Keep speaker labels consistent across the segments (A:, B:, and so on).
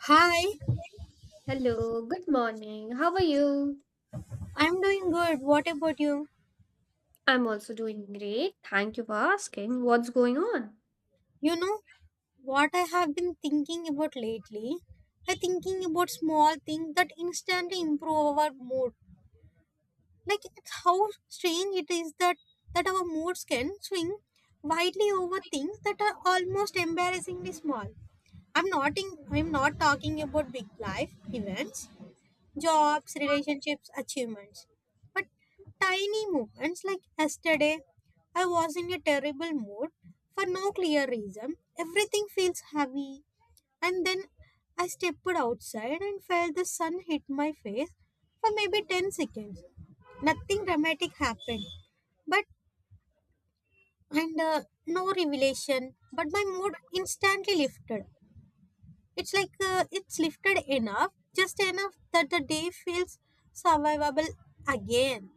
A: Hi,
B: Hello, good morning. How are you?
A: I'm doing good. What about you?
B: I'm also doing great. Thank you for asking. What's going on?
A: You know what I have been thinking about lately? I'm thinking about small things that instantly improve our mood. Like it's how strange it is that our moods can swing widely over things that are almost embarrassingly small. I'm not talking about big life events. Jobs, relationships, achievements. But tiny movements like yesterday, I was in a terrible mood for no clear reason. Everything feels heavy, and then I stepped outside and felt the sun hit my face for maybe 10 seconds. Nothing dramatic happened, but and no revelation, but my mood instantly lifted. It's lifted enough, just enough that the day feels survivable again.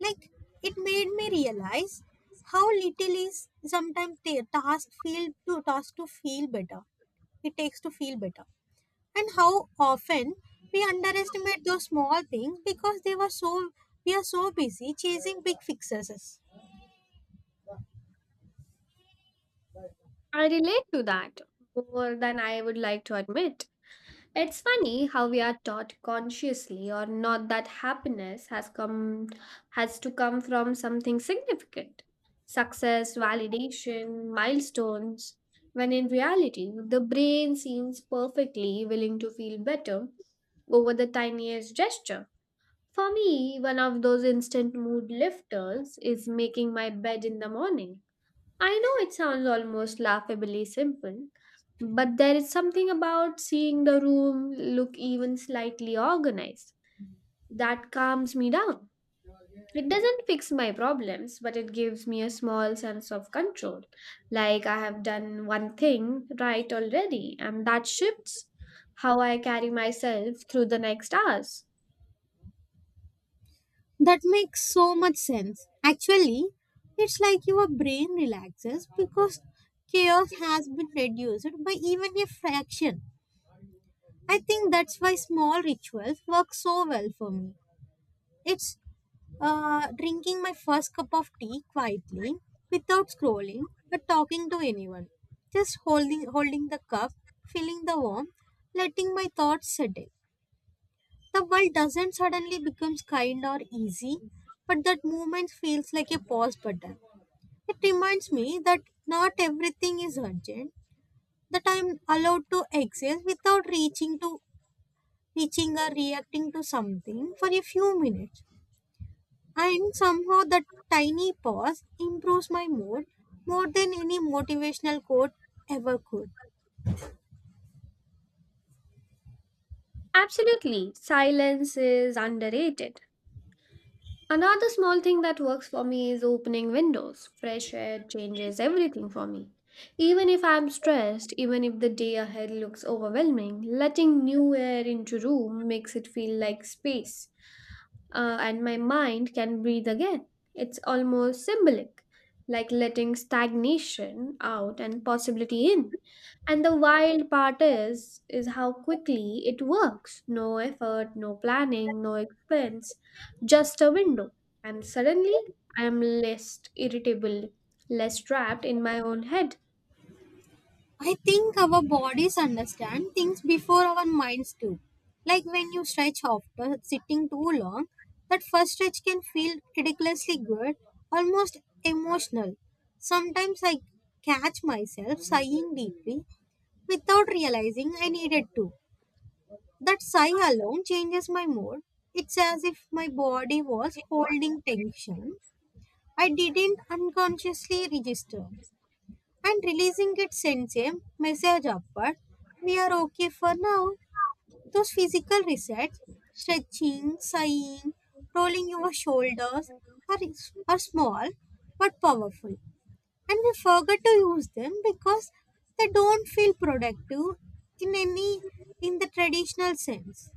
A: Like it made me realize how little is sometimes the task feel to task to feel better. It takes to feel better, and how often we underestimate those small things because they were so we are so busy chasing big fixes.
B: I relate to that more than I would like to admit. It's funny how we are taught consciously or not that happiness has to come from something significant. Success, validation, milestones, when in reality the brain seems perfectly willing to feel better over the tiniest gesture. For me, one of those instant mood lifters is making my bed in the morning. I know it sounds almost laughably simple, but there is something about seeing the room look even slightly organized that calms me down. It doesn't fix my problems, but it gives me a small sense of control, like I have done one thing right already, and that shifts how I carry myself through the next hours.
A: That makes so much sense. Actually, it's like your brain relaxes because chaos has been reduced by even a fraction. I think that's why small rituals work so well for me. It's Drinking my first cup of tea quietly without scrolling or talking to anyone. Just holding the cup, feeling the warmth, letting my thoughts settle. The world doesn't suddenly becomes kind or easy, but that moment feels like a pause button. It reminds me that not everything is urgent, that I'm allowed to exist without reaching or reacting to something for a few minutes. And somehow that tiny pause improves my mood more than any motivational quote ever could.
B: Absolutely, silence is underrated. Another small thing that works for me is opening windows. Fresh air changes everything for me. Even if I'm stressed, even if the day ahead looks overwhelming, letting new air into room makes it feel like space, and my mind can breathe again. It's almost symbolic, like letting stagnation out and possibility in. And the wild part is how quickly it works. No effort, no planning, no expense just a window. And suddenly I am less irritable, less trapped in my own head.
A: I think our bodies understand things before our minds do. Like when you stretch after sitting too long, that first stretch can feel ridiculously good, almost emotional. Sometimes I catch myself sighing deeply without realizing I needed to. That sigh alone changes my mood. It's as if my body was holding tension I didn't unconsciously register and releasing it sends a message upward. We are okay for now. Those physical resets, stretching, sighing, rolling your shoulders are, are small but powerful. And we forget to use them because they don't feel productive in any in the traditional sense.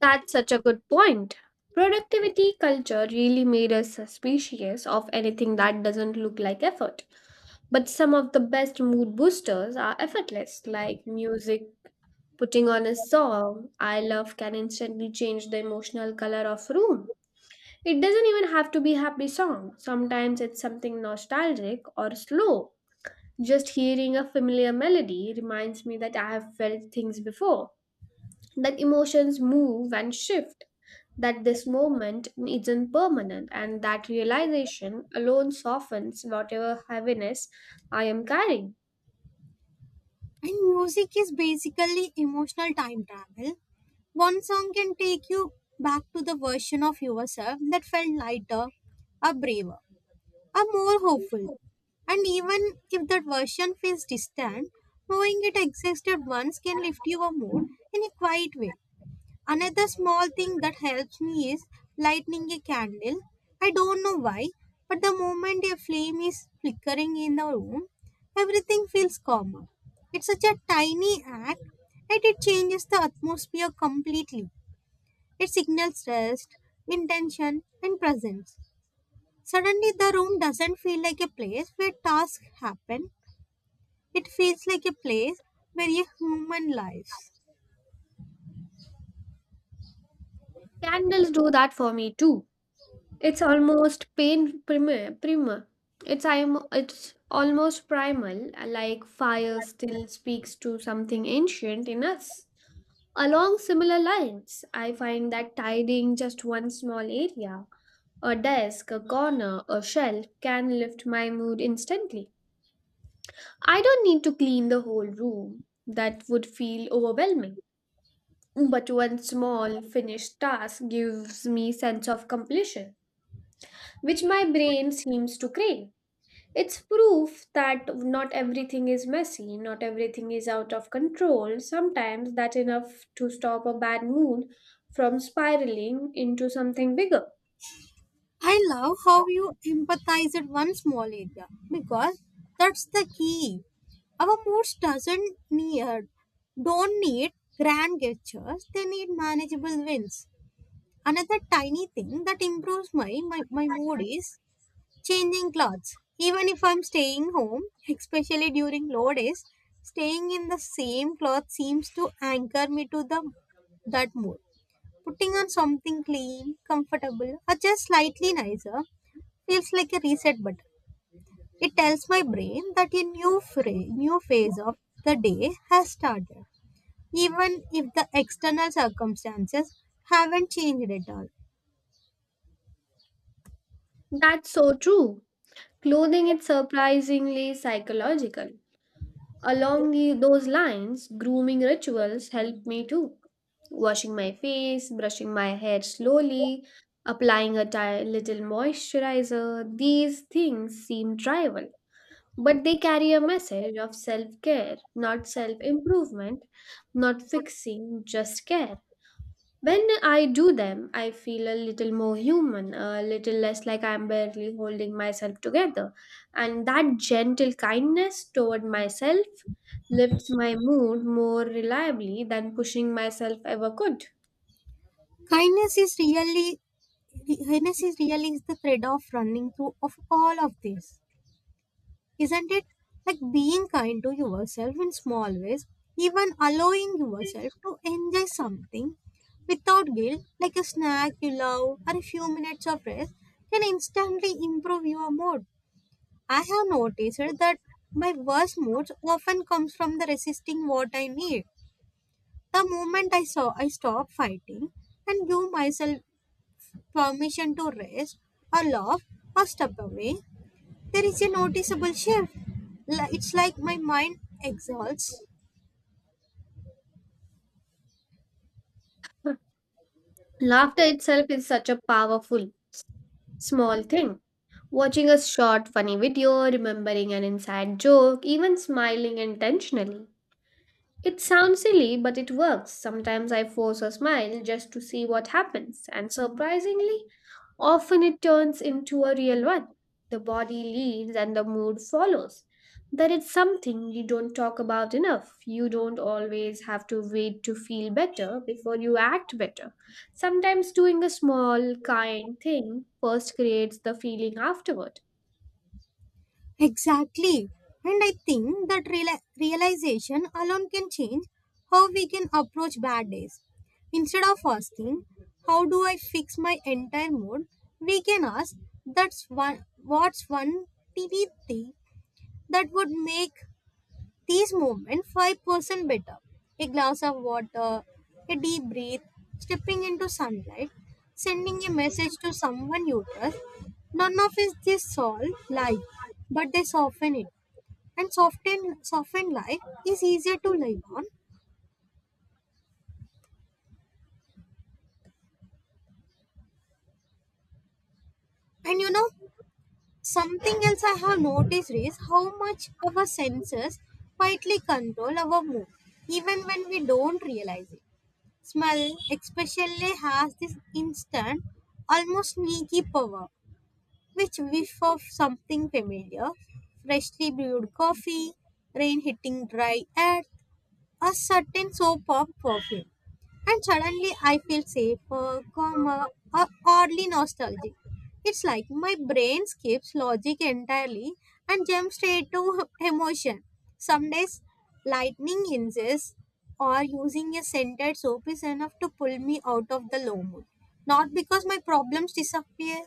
B: That's such a good point. Productivity culture really made us suspicious of anything that doesn't look like effort. But some of the best mood boosters are effortless, like music. Putting on a song I love can instantly change the emotional color of room. It doesn't even have to be happy song. Sometimes it's something nostalgic or slow. Just hearing a familiar melody reminds me that I have felt things before, that emotions move and shift, that this moment isn't permanent, and that realization alone softens whatever heaviness I am carrying.
A: And music is basically emotional time travel. One song can take you back to the version of yourself that felt lighter or braver. Are more hopeful. And even if that version feels distant, knowing it existed once can lift your mood in a quiet way. Another small thing that helps me is lighting a candle. I don't know why, but the moment a flame is flickering in the room, everything feels calmer. It's such a tiny act, and it changes the atmosphere completely. It signals rest, intention, and presence. Suddenly, the room doesn't feel like a place where tasks happen. It feels like a place where a human lives.
B: Candles do that for me too. It's almost primer. It's almost primal, like fire still speaks to something ancient in us. Along similar lines, I find that tidying just one small area, a desk, a corner, a shelf, can lift my mood instantly. I don't need to clean the whole room, that would feel overwhelming. But one small finished task gives me sense of completion, which my brain seems to crave. It's proof that not everything is messy, not everything is out of control. Sometimes that's enough to stop a bad mood from spiraling into something bigger.
A: I love how you empathize at one small area because that's the key. Our moods doesn't need don't need grand gestures. They need manageable wins. Another tiny thing that improves my mood is changing clothes. Even if I'm staying home, especially during low days, staying in the same cloth seems to anchor me to the that mood. Putting on something clean, comfortable, or just slightly nicer feels like a reset button. It tells my brain that new phase of the day has started, even if the external circumstances haven't changed at all.
B: That's so true. Clothing is surprisingly psychological. Along those lines, grooming rituals help me too. Washing my face, brushing my hair slowly, applying a little moisturizer, these things seem trivial. But they carry a message of self care, not self improvement, not fixing, just care. When I do them, I feel a little more human, a little less like I'm barely holding myself together. And that gentle kindness toward myself lifts my mood more reliably than pushing myself ever could.
A: Kindness is really Kindness is the thread of running through of all of this, isn't it? Like being kind to yourself in small ways, even allowing yourself to enjoy something without guilt, like a snack you love or a few minutes of rest, can instantly improve your mood. I have noticed that my worst moods often comes from the resisting what I need. The moment I saw I stop fighting and give myself permission to rest or laugh or step away, there is a noticeable shift. It's like my mind exalts.
B: Laughter itself is such a powerful, small thing. Watching a short, funny video, remembering an inside joke, even smiling intentionally. It sounds silly, but it works. Sometimes I force a smile just to see what happens, and surprisingly, often it turns into a real one. The body leads and the mood follows. That is something you don't talk about enough. You don't always have to wait to feel better before you act better. Sometimes doing a small, kind thing first creates the feeling afterward.
A: Exactly. And I think that realization alone can change how we can approach bad days. Instead of asking, how do I fix my entire mood? We can ask, what's one tiny thing that would make these movements 5% better. A glass of water, a deep breath, stepping into sunlight, sending a message to someone you trust. None of is this all life, but they soften it. And soften life is easier to live on. And you know, something else I have noticed is how much our senses quietly control our mood, even when we don't realize it. Smell especially has this instant, almost sneaky power, which whiff of something familiar, freshly brewed coffee, rain hitting dry air, a certain soap of perfume. And suddenly I feel safer, calmer, or oddly nostalgic. It's like my brain skips logic entirely and jumps straight to emotion. Some days, lightning hinges or using a scented soap is enough to pull me out of the low mood. Not because my problems disappear,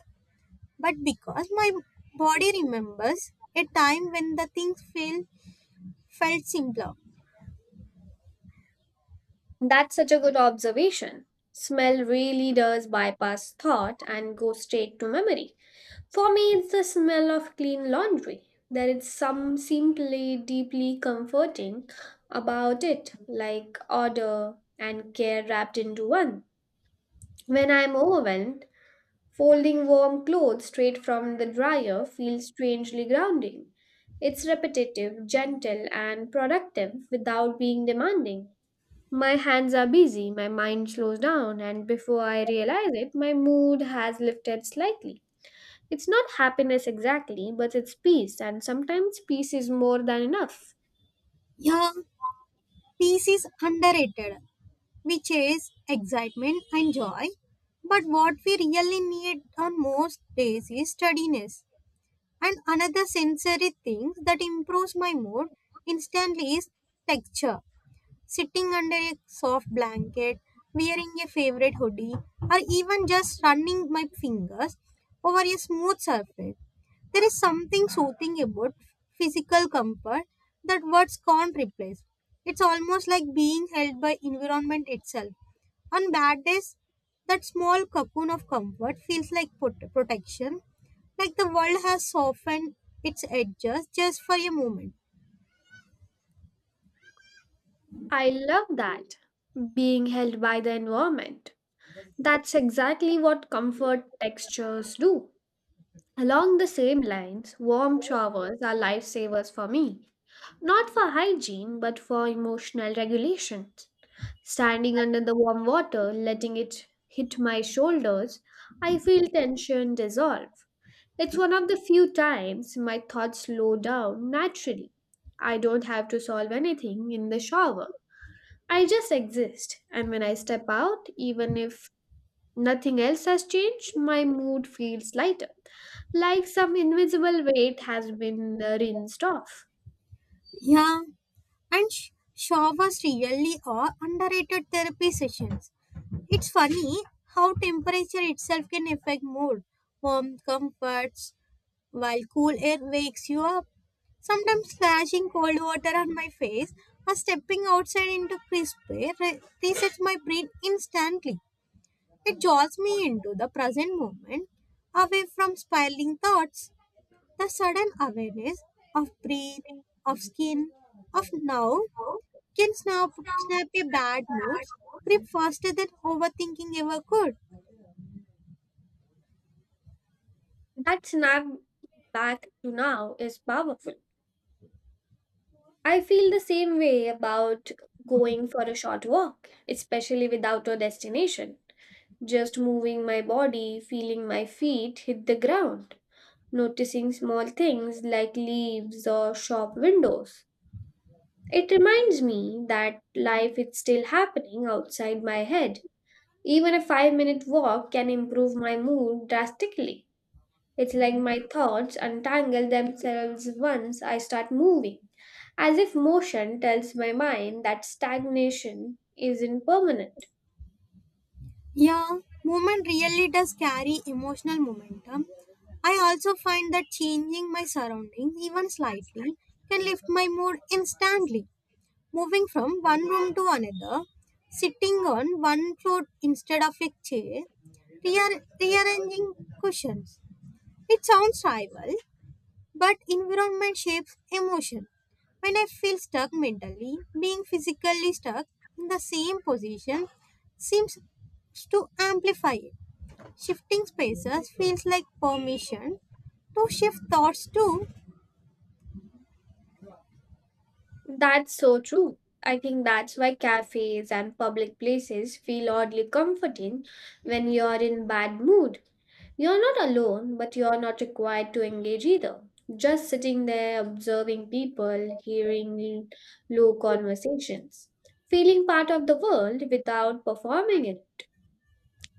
A: but because my body remembers a time when felt simpler.
B: That's such a good observation. Smell really does bypass thought and go straight to memory. For me, it's the smell of clean laundry. There is some simply deeply comforting about it, like order and care wrapped into one. When I'm overwhelmed, folding warm clothes straight from the dryer feels strangely grounding. It's repetitive, gentle, and productive without being demanding. My hands are busy, my mind slows down, and before I realize it, my mood has lifted slightly. It's not happiness exactly, but it's peace, and sometimes peace is more than enough.
A: Yeah, peace is underrated, which is excitement and joy. But what we really need on most days is steadiness. And another sensory thing that improves my mood instantly is texture sitting under a soft blanket, wearing a favorite hoodie, or even just running my fingers over a smooth surface. There is something soothing about physical comfort that words can't replace. It's almost like being held by environment itself. On bad days, that small cocoon of comfort feels like protection, like the world has softened its edges just for a moment.
B: I love that, being held by the environment. That's exactly what comfort textures do. Along the same lines, warm showers are lifesavers for me, not for hygiene, but for emotional regulation. Standing under the warm water, letting it hit my shoulders, I feel tension dissolve. It's one of the few times my thoughts slow down naturally. I don't have to solve anything in the shower. I just exist, and when I step out, even if nothing else has changed, my mood feels lighter like some invisible weight has been rinsed off.
A: Yeah, And sh- Shaw was really a underrated therapy sessions. It's funny how temperature itself can affect mood. Warm comforts while cool air wakes you up. Sometimes splashing cold water on my face or stepping outside into crisp air resets my brain instantly. It jolts me into the present moment, away from spiraling thoughts. The sudden awareness of breath, of skin, of now can snap your bad moods grip faster than overthinking ever could.
B: That snap back to now is powerful. I feel the same way about going for a short walk, especially without a destination. Just moving my body, feeling my feet hit the ground, noticing small things like leaves or shop windows. It reminds me that life is still happening outside my head. Even a 5 minute walk can improve my mood drastically. It's like my thoughts untangle themselves once I start moving, as if motion tells my mind that stagnation isn't permanent.
A: Yeah, movement really does carry emotional momentum. I also find that changing my surroundings even slightly can lift my mood instantly. Moving from one room to another, sitting on one floor instead of a chair, rearranging cushions. It sounds trivial, but environment shapes emotion. When I feel stuck mentally, being physically stuck in the same position seems to amplify it. Shifting spaces feels like permission to shift thoughts too.
B: That's so true. I think that's why cafes and public places feel oddly comforting when you're in bad mood. You're not alone, but you're not required to engage either. Just sitting there observing people, hearing low conversations, feeling part of the world without performing it.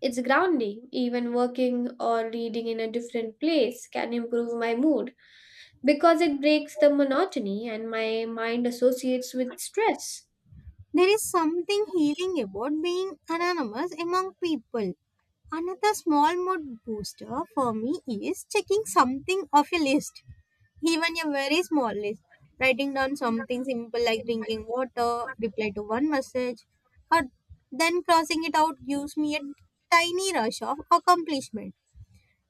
B: It's grounding, even working or reading in a different place can improve my mood because it breaks the monotony and my mind associates with stress.
A: There is something healing about being anonymous among people. Another small mood booster for me is checking something off a list. Even a very small list, writing down something simple like drinking water, reply to one message, or then crossing it out gives me a tiny rush of accomplishment.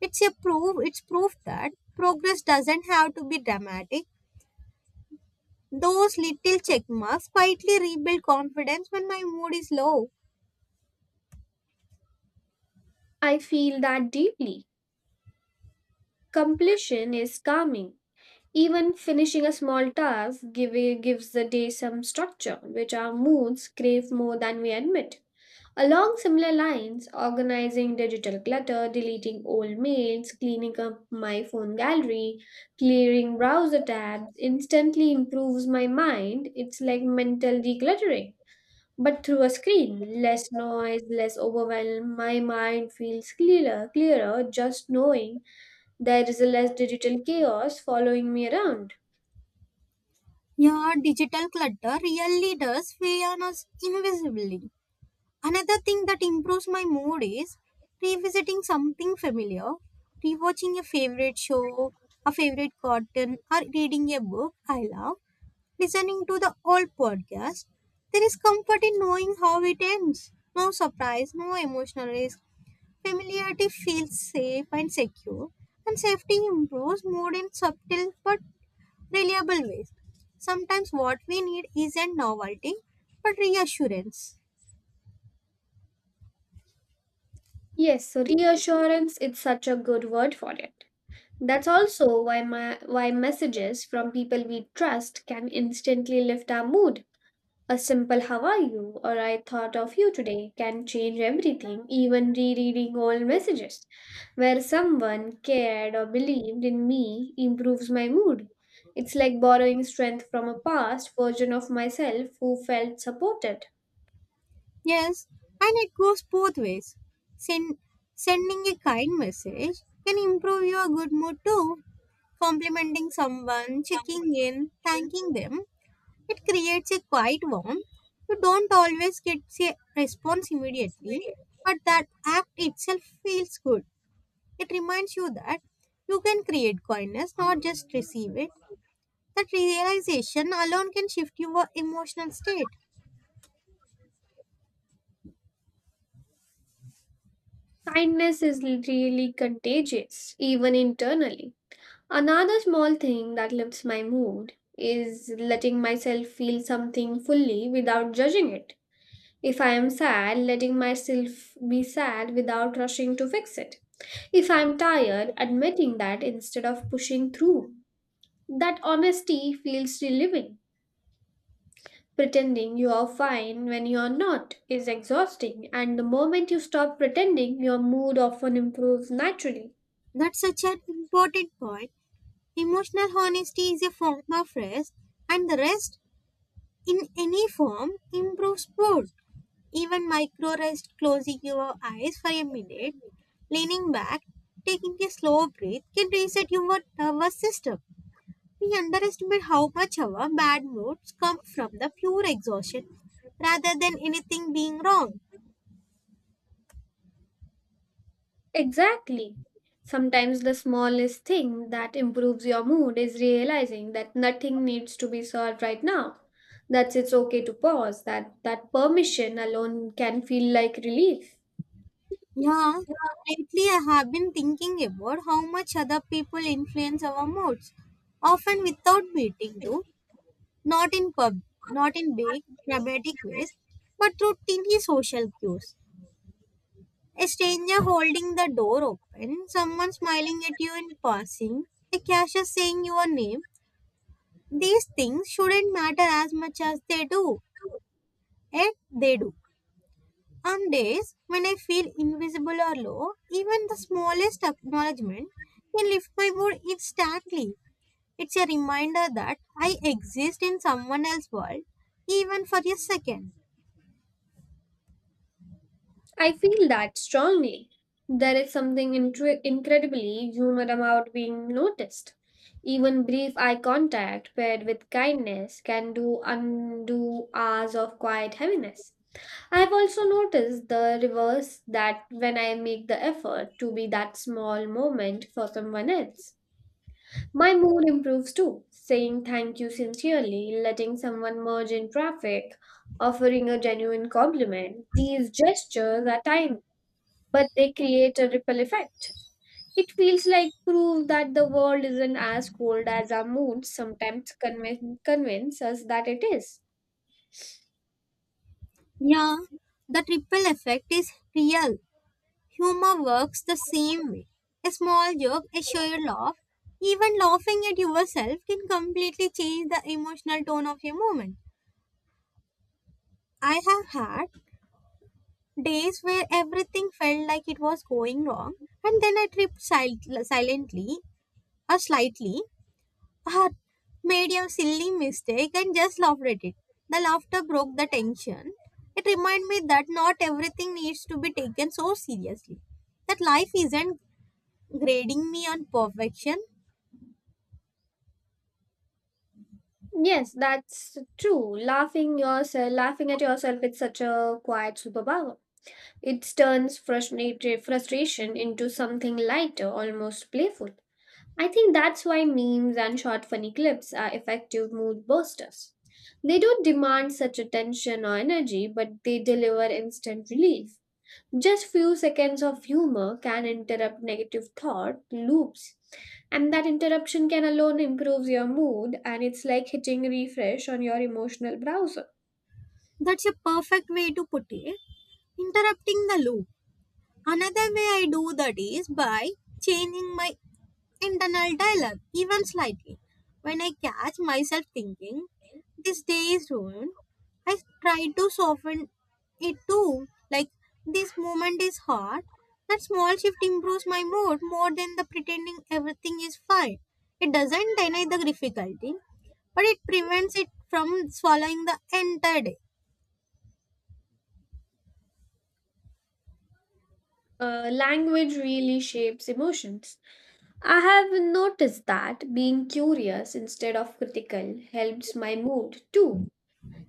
A: It's proof that progress doesn't have to be dramatic. Those little check marks quietly rebuild confidence when my mood is low.
B: I feel that deeply. Completion is calming. Even finishing a small gives the day some structure, which our moods crave more than we admit. Along similar lines, organizing digital clutter, deleting old mails, cleaning up my phone gallery, clearing browser tabs instantly improves my mind. It's like mental decluttering. But through a screen, less noise, less overwhelm, my mind feels clearer just knowing there is a less digital chaos following me around.
A: Yeah, digital clutter really does weigh on us invisibly. Another thing that improves my mood is revisiting something familiar, rewatching a favorite show, a favorite cartoon, or reading a book I love, listening to the old podcast. There is comfort in knowing how it ends. No surprise, no emotional risk. Familiarity feels safe and secure, and safety improves mood in subtle but reliable ways. Sometimes what we need isn't novelty, but reassurance.
B: Yes, so reassurance is such a good word for it. That's also why why messages from people we trust can instantly lift our mood. A simple "How are you?" or "I thought of you today" can change everything. Even rereading old messages, where someone cared or believed in me, improves my mood. It's like borrowing strength from a past version of myself who felt supported.
A: Yes, and it goes both ways. Send, Sending a kind message can improve your good mood too. Complimenting someone, checking in, thanking them, it creates a quiet warmth. You don't always get a response immediately, but that act itself feels good. It reminds you that you can create kindness, not just receive it. That realization alone can shift your emotional state.
B: Kindness is really contagious, even internally. Another small thing that lifts my mood is letting myself feel something fully without judging it. If I am sad, letting myself be sad without rushing to fix it. If I'm tired, admitting that instead of pushing through. That honesty feels relieving. Pretending you are fine when you are not is exhausting, and the moment you stop pretending, your mood often improves naturally.
A: That's such an important point. Emotional honesty is a form of rest, and the rest in any form improves mood. Even micro rest, closing your eyes for a minute, leaning back, taking a slow breath can reset your nervous system. We underestimate how much our bad moods come from the pure exhaustion rather than anything being wrong.
B: Exactly. Sometimes the smallest thing that improves your mood is realizing that nothing needs to be solved right now. That it's okay to pause, that that permission alone can feel like relief.
A: Yeah, lately I have been thinking about how much other people influence our moods, often without meeting to. not in pub, Not in big dramatic ways, but through tiny social cues. A stranger holding the door open, someone smiling at you in passing, a cashier saying your name. These things shouldn't matter as much as they do, yet they do. On days when I feel invisible or low, even the smallest acknowledgement can lift my mood instantly. It's a reminder that I exist in someone else's world, even for a second.
B: I feel that strongly. There is something incredibly human about being noticed. Even brief eye contact paired with kindness can do undo hours of quiet heaviness. I've also noticed the reverse that when I make the effort to be that small moment for someone else, my mood improves too. Saying thank you sincerely, letting someone merge in traffic, offering a genuine compliment, these gestures are tiny, but they create a ripple effect. It feels like proof that the world isn't as cold as our moods sometimes convince us that it is.
A: Yeah, the triple effect is real. Humor works the same way. A small joke, a shared laugh, even laughing at yourself can completely change the emotional tone of a moment. I have had days where everything felt like it was going wrong, and then I tripped silently or slightly, had made a silly mistake and just laughed at it. The laughter broke the tension. It reminded me that not everything needs to be taken so seriously. That life isn't grading me on perfection.
B: Yes, that's true. Laughing yourself, laughing at yourself is such a quiet superpower. It turns frustrated frustration into something lighter, almost playful. I think that's why memes and short funny clips are effective mood boosters. They don't demand such attention or energy, but they deliver instant relief. Just few seconds of humor can interrupt negative thought loops, and that interruption can alone improve your mood, and it's like hitting refresh on your emotional browser.
A: That's a perfect way to put it. Interrupting the loop. Another way I do that is by changing my internal dialogue even slightly. When I catch myself thinking, this day is ruined, I try to soften it too. Like, this moment is hard. That small shift improves my mood more than the pretending everything is fine. It doesn't deny the difficulty, but it prevents it from swallowing the entire day.
B: Language really shapes emotions. I have noticed that being curious instead of critical helps my mood too.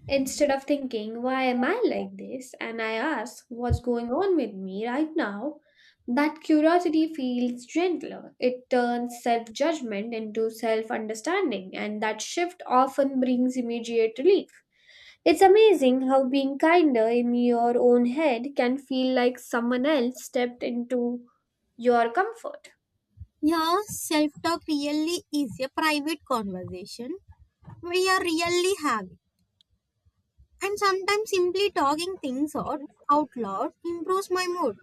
B: Instead of thinking, why am I like this? And I ask, what's going on with me right now? That curiosity feels gentler. It turns self judgment into self understanding, and that shift often brings immediate relief. It's amazing how being kinder in your own head can feel like someone else stepped into your comfort.
A: Yeah, self talk really is a private conversation we are really having. And sometimes simply talking things out loud improves my mood.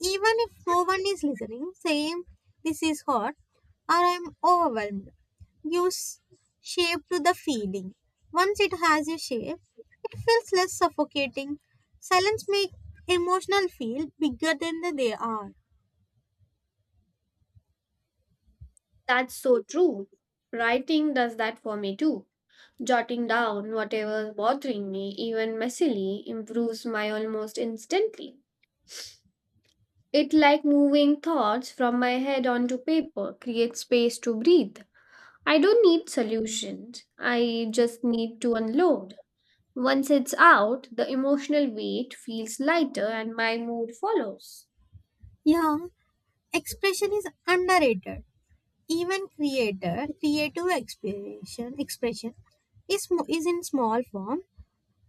A: Even if no one is listening, saying this is hot or I'm overwhelmed gives shape to the feeling. Once it has a shape, it feels less suffocating. Silence makes emotional feel bigger than they are.
B: That's so true. Writing does that for me too. Jotting down whatever's bothering me, even messily, improves my almost instantly. It like moving thoughts from my head onto paper, creates space to breathe. I don't need solutions. I just need to unload. Once it's out, the emotional weight feels lighter and my mood follows.
A: Yeah, expression is underrated. Even creative expression is in small form.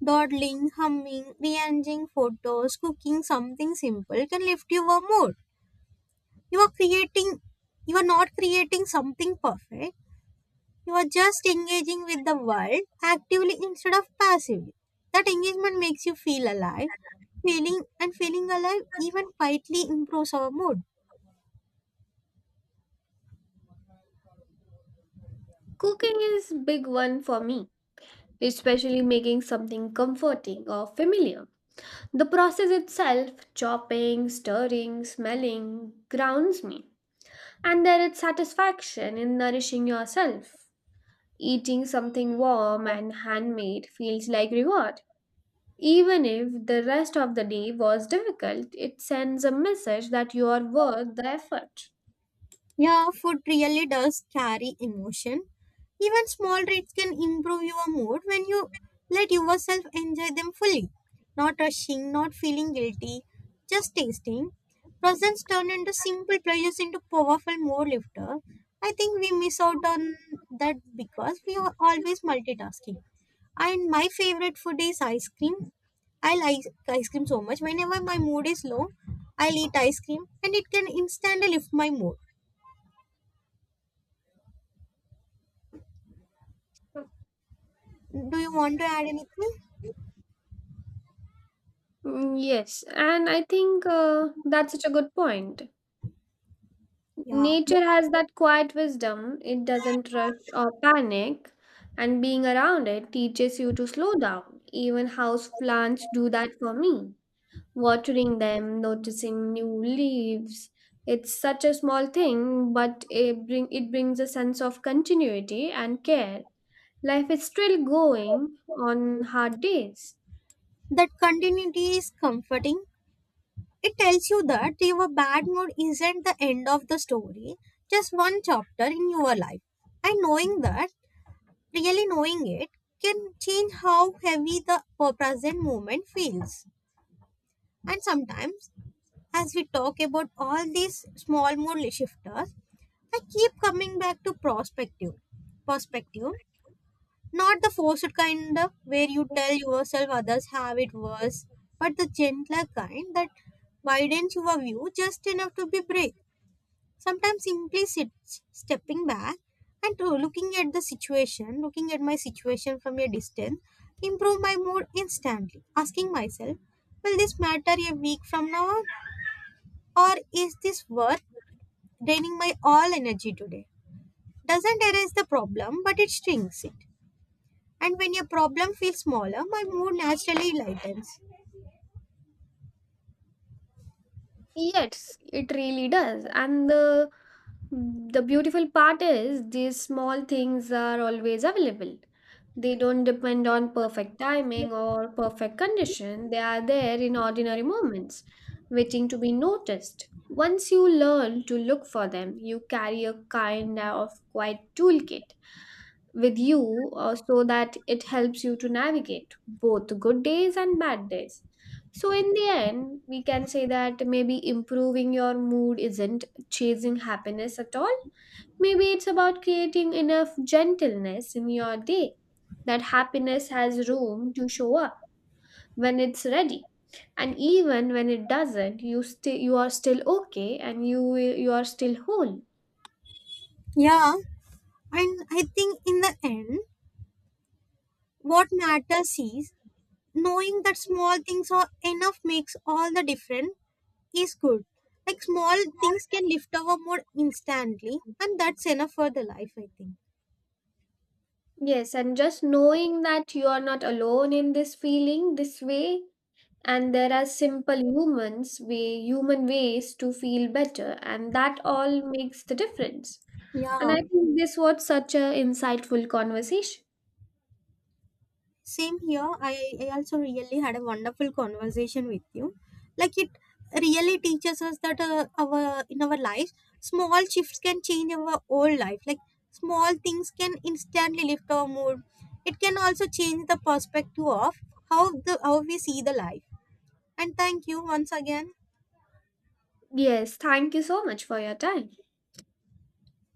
A: Dawdling, humming, rearranging photos, cooking something simple can lift your mood. You are creating, you are not creating something perfect. You are just engaging with the world actively instead of passively. That engagement makes you feel alive. Feeling alive even quietly improves our mood.
B: Cooking is big one for me, especially making something comforting or familiar. The process itself, chopping, stirring, smelling, grounds me. And there is satisfaction in nourishing yourself. Eating something warm and handmade feels like reward. Even if the rest of the day was difficult, it sends a message that you are worth the effort.
A: Yeah, food really does carry emotion. Even small treats can improve your mood when you let yourself enjoy them fully. Not rushing, not feeling guilty, just tasting. Presents turn into simple pleasures into powerful mood lifter. I think we miss out on that because we are always multitasking. And my favorite food is ice cream. I like ice cream so much. Whenever my mood is low, I'll eat ice cream and it can instantly lift my mood. Do you want to add anything?
B: Mm, yes, and I think that's such a good point.
A: Yeah.
B: Nature has that quiet wisdom. It doesn't rush or panic, and being around it teaches you to slow down. Even house plants do that for me. Watering them, noticing new leaves. It's such a small thing, but it brings a sense of continuity and care. Life is still going on hard days.
A: That continuity is comforting. It tells you that your bad mood isn't the end of the story, just one chapter in your life. And knowing that, really knowing it, can change how heavy the present moment feels. And sometimes, as we talk about all these small mood shifters, I keep coming back to perspective. Perspective, not the forced kind of where you tell yourself others have it worse, but the gentler kind that widens your view just enough to be brave. Sometimes simply stepping back and looking at the situation, looking at my situation from a distance, improve my mood instantly. Asking myself, will this matter a week from now on? Or is this worth draining my all energy today? Doesn't erase the problem, but it shrinks it. And when your problem feels smaller, my mood naturally lightens.
B: Yes, it really does. And the beautiful part is these small things are always available. They don't depend on perfect timing or perfect condition. They are there in ordinary moments, waiting to be noticed. Once you learn to look for them, you carry a kind of quiet toolkit with you, so that it helps you to navigate both good days and bad days. So, in the end, we can say that maybe improving your mood isn't chasing happiness at all. Maybe it's about creating enough gentleness in your day that happiness has room to show up when it's ready. And even when it doesn't, you are still okay and you are still whole.
A: Yeah, and I think in the end, what matters is knowing that small things are enough makes all the difference is good. Like small things can lift our mood instantly, and that's enough for the life, I think.
B: Yes, and just knowing that you are not alone in this feeling this way and there are simple human ways to feel better and that all makes the difference, and I
A: Yeah.
B: think this was such a insightful conversation.
A: Same here. I also really had a wonderful conversation with you. Like it really teaches us that our in our lives, small shifts can change our whole life. Like small things can instantly lift our mood. It can also change the perspective of how we see the life. And thank you once again.
B: Yes, thank you so much for your time.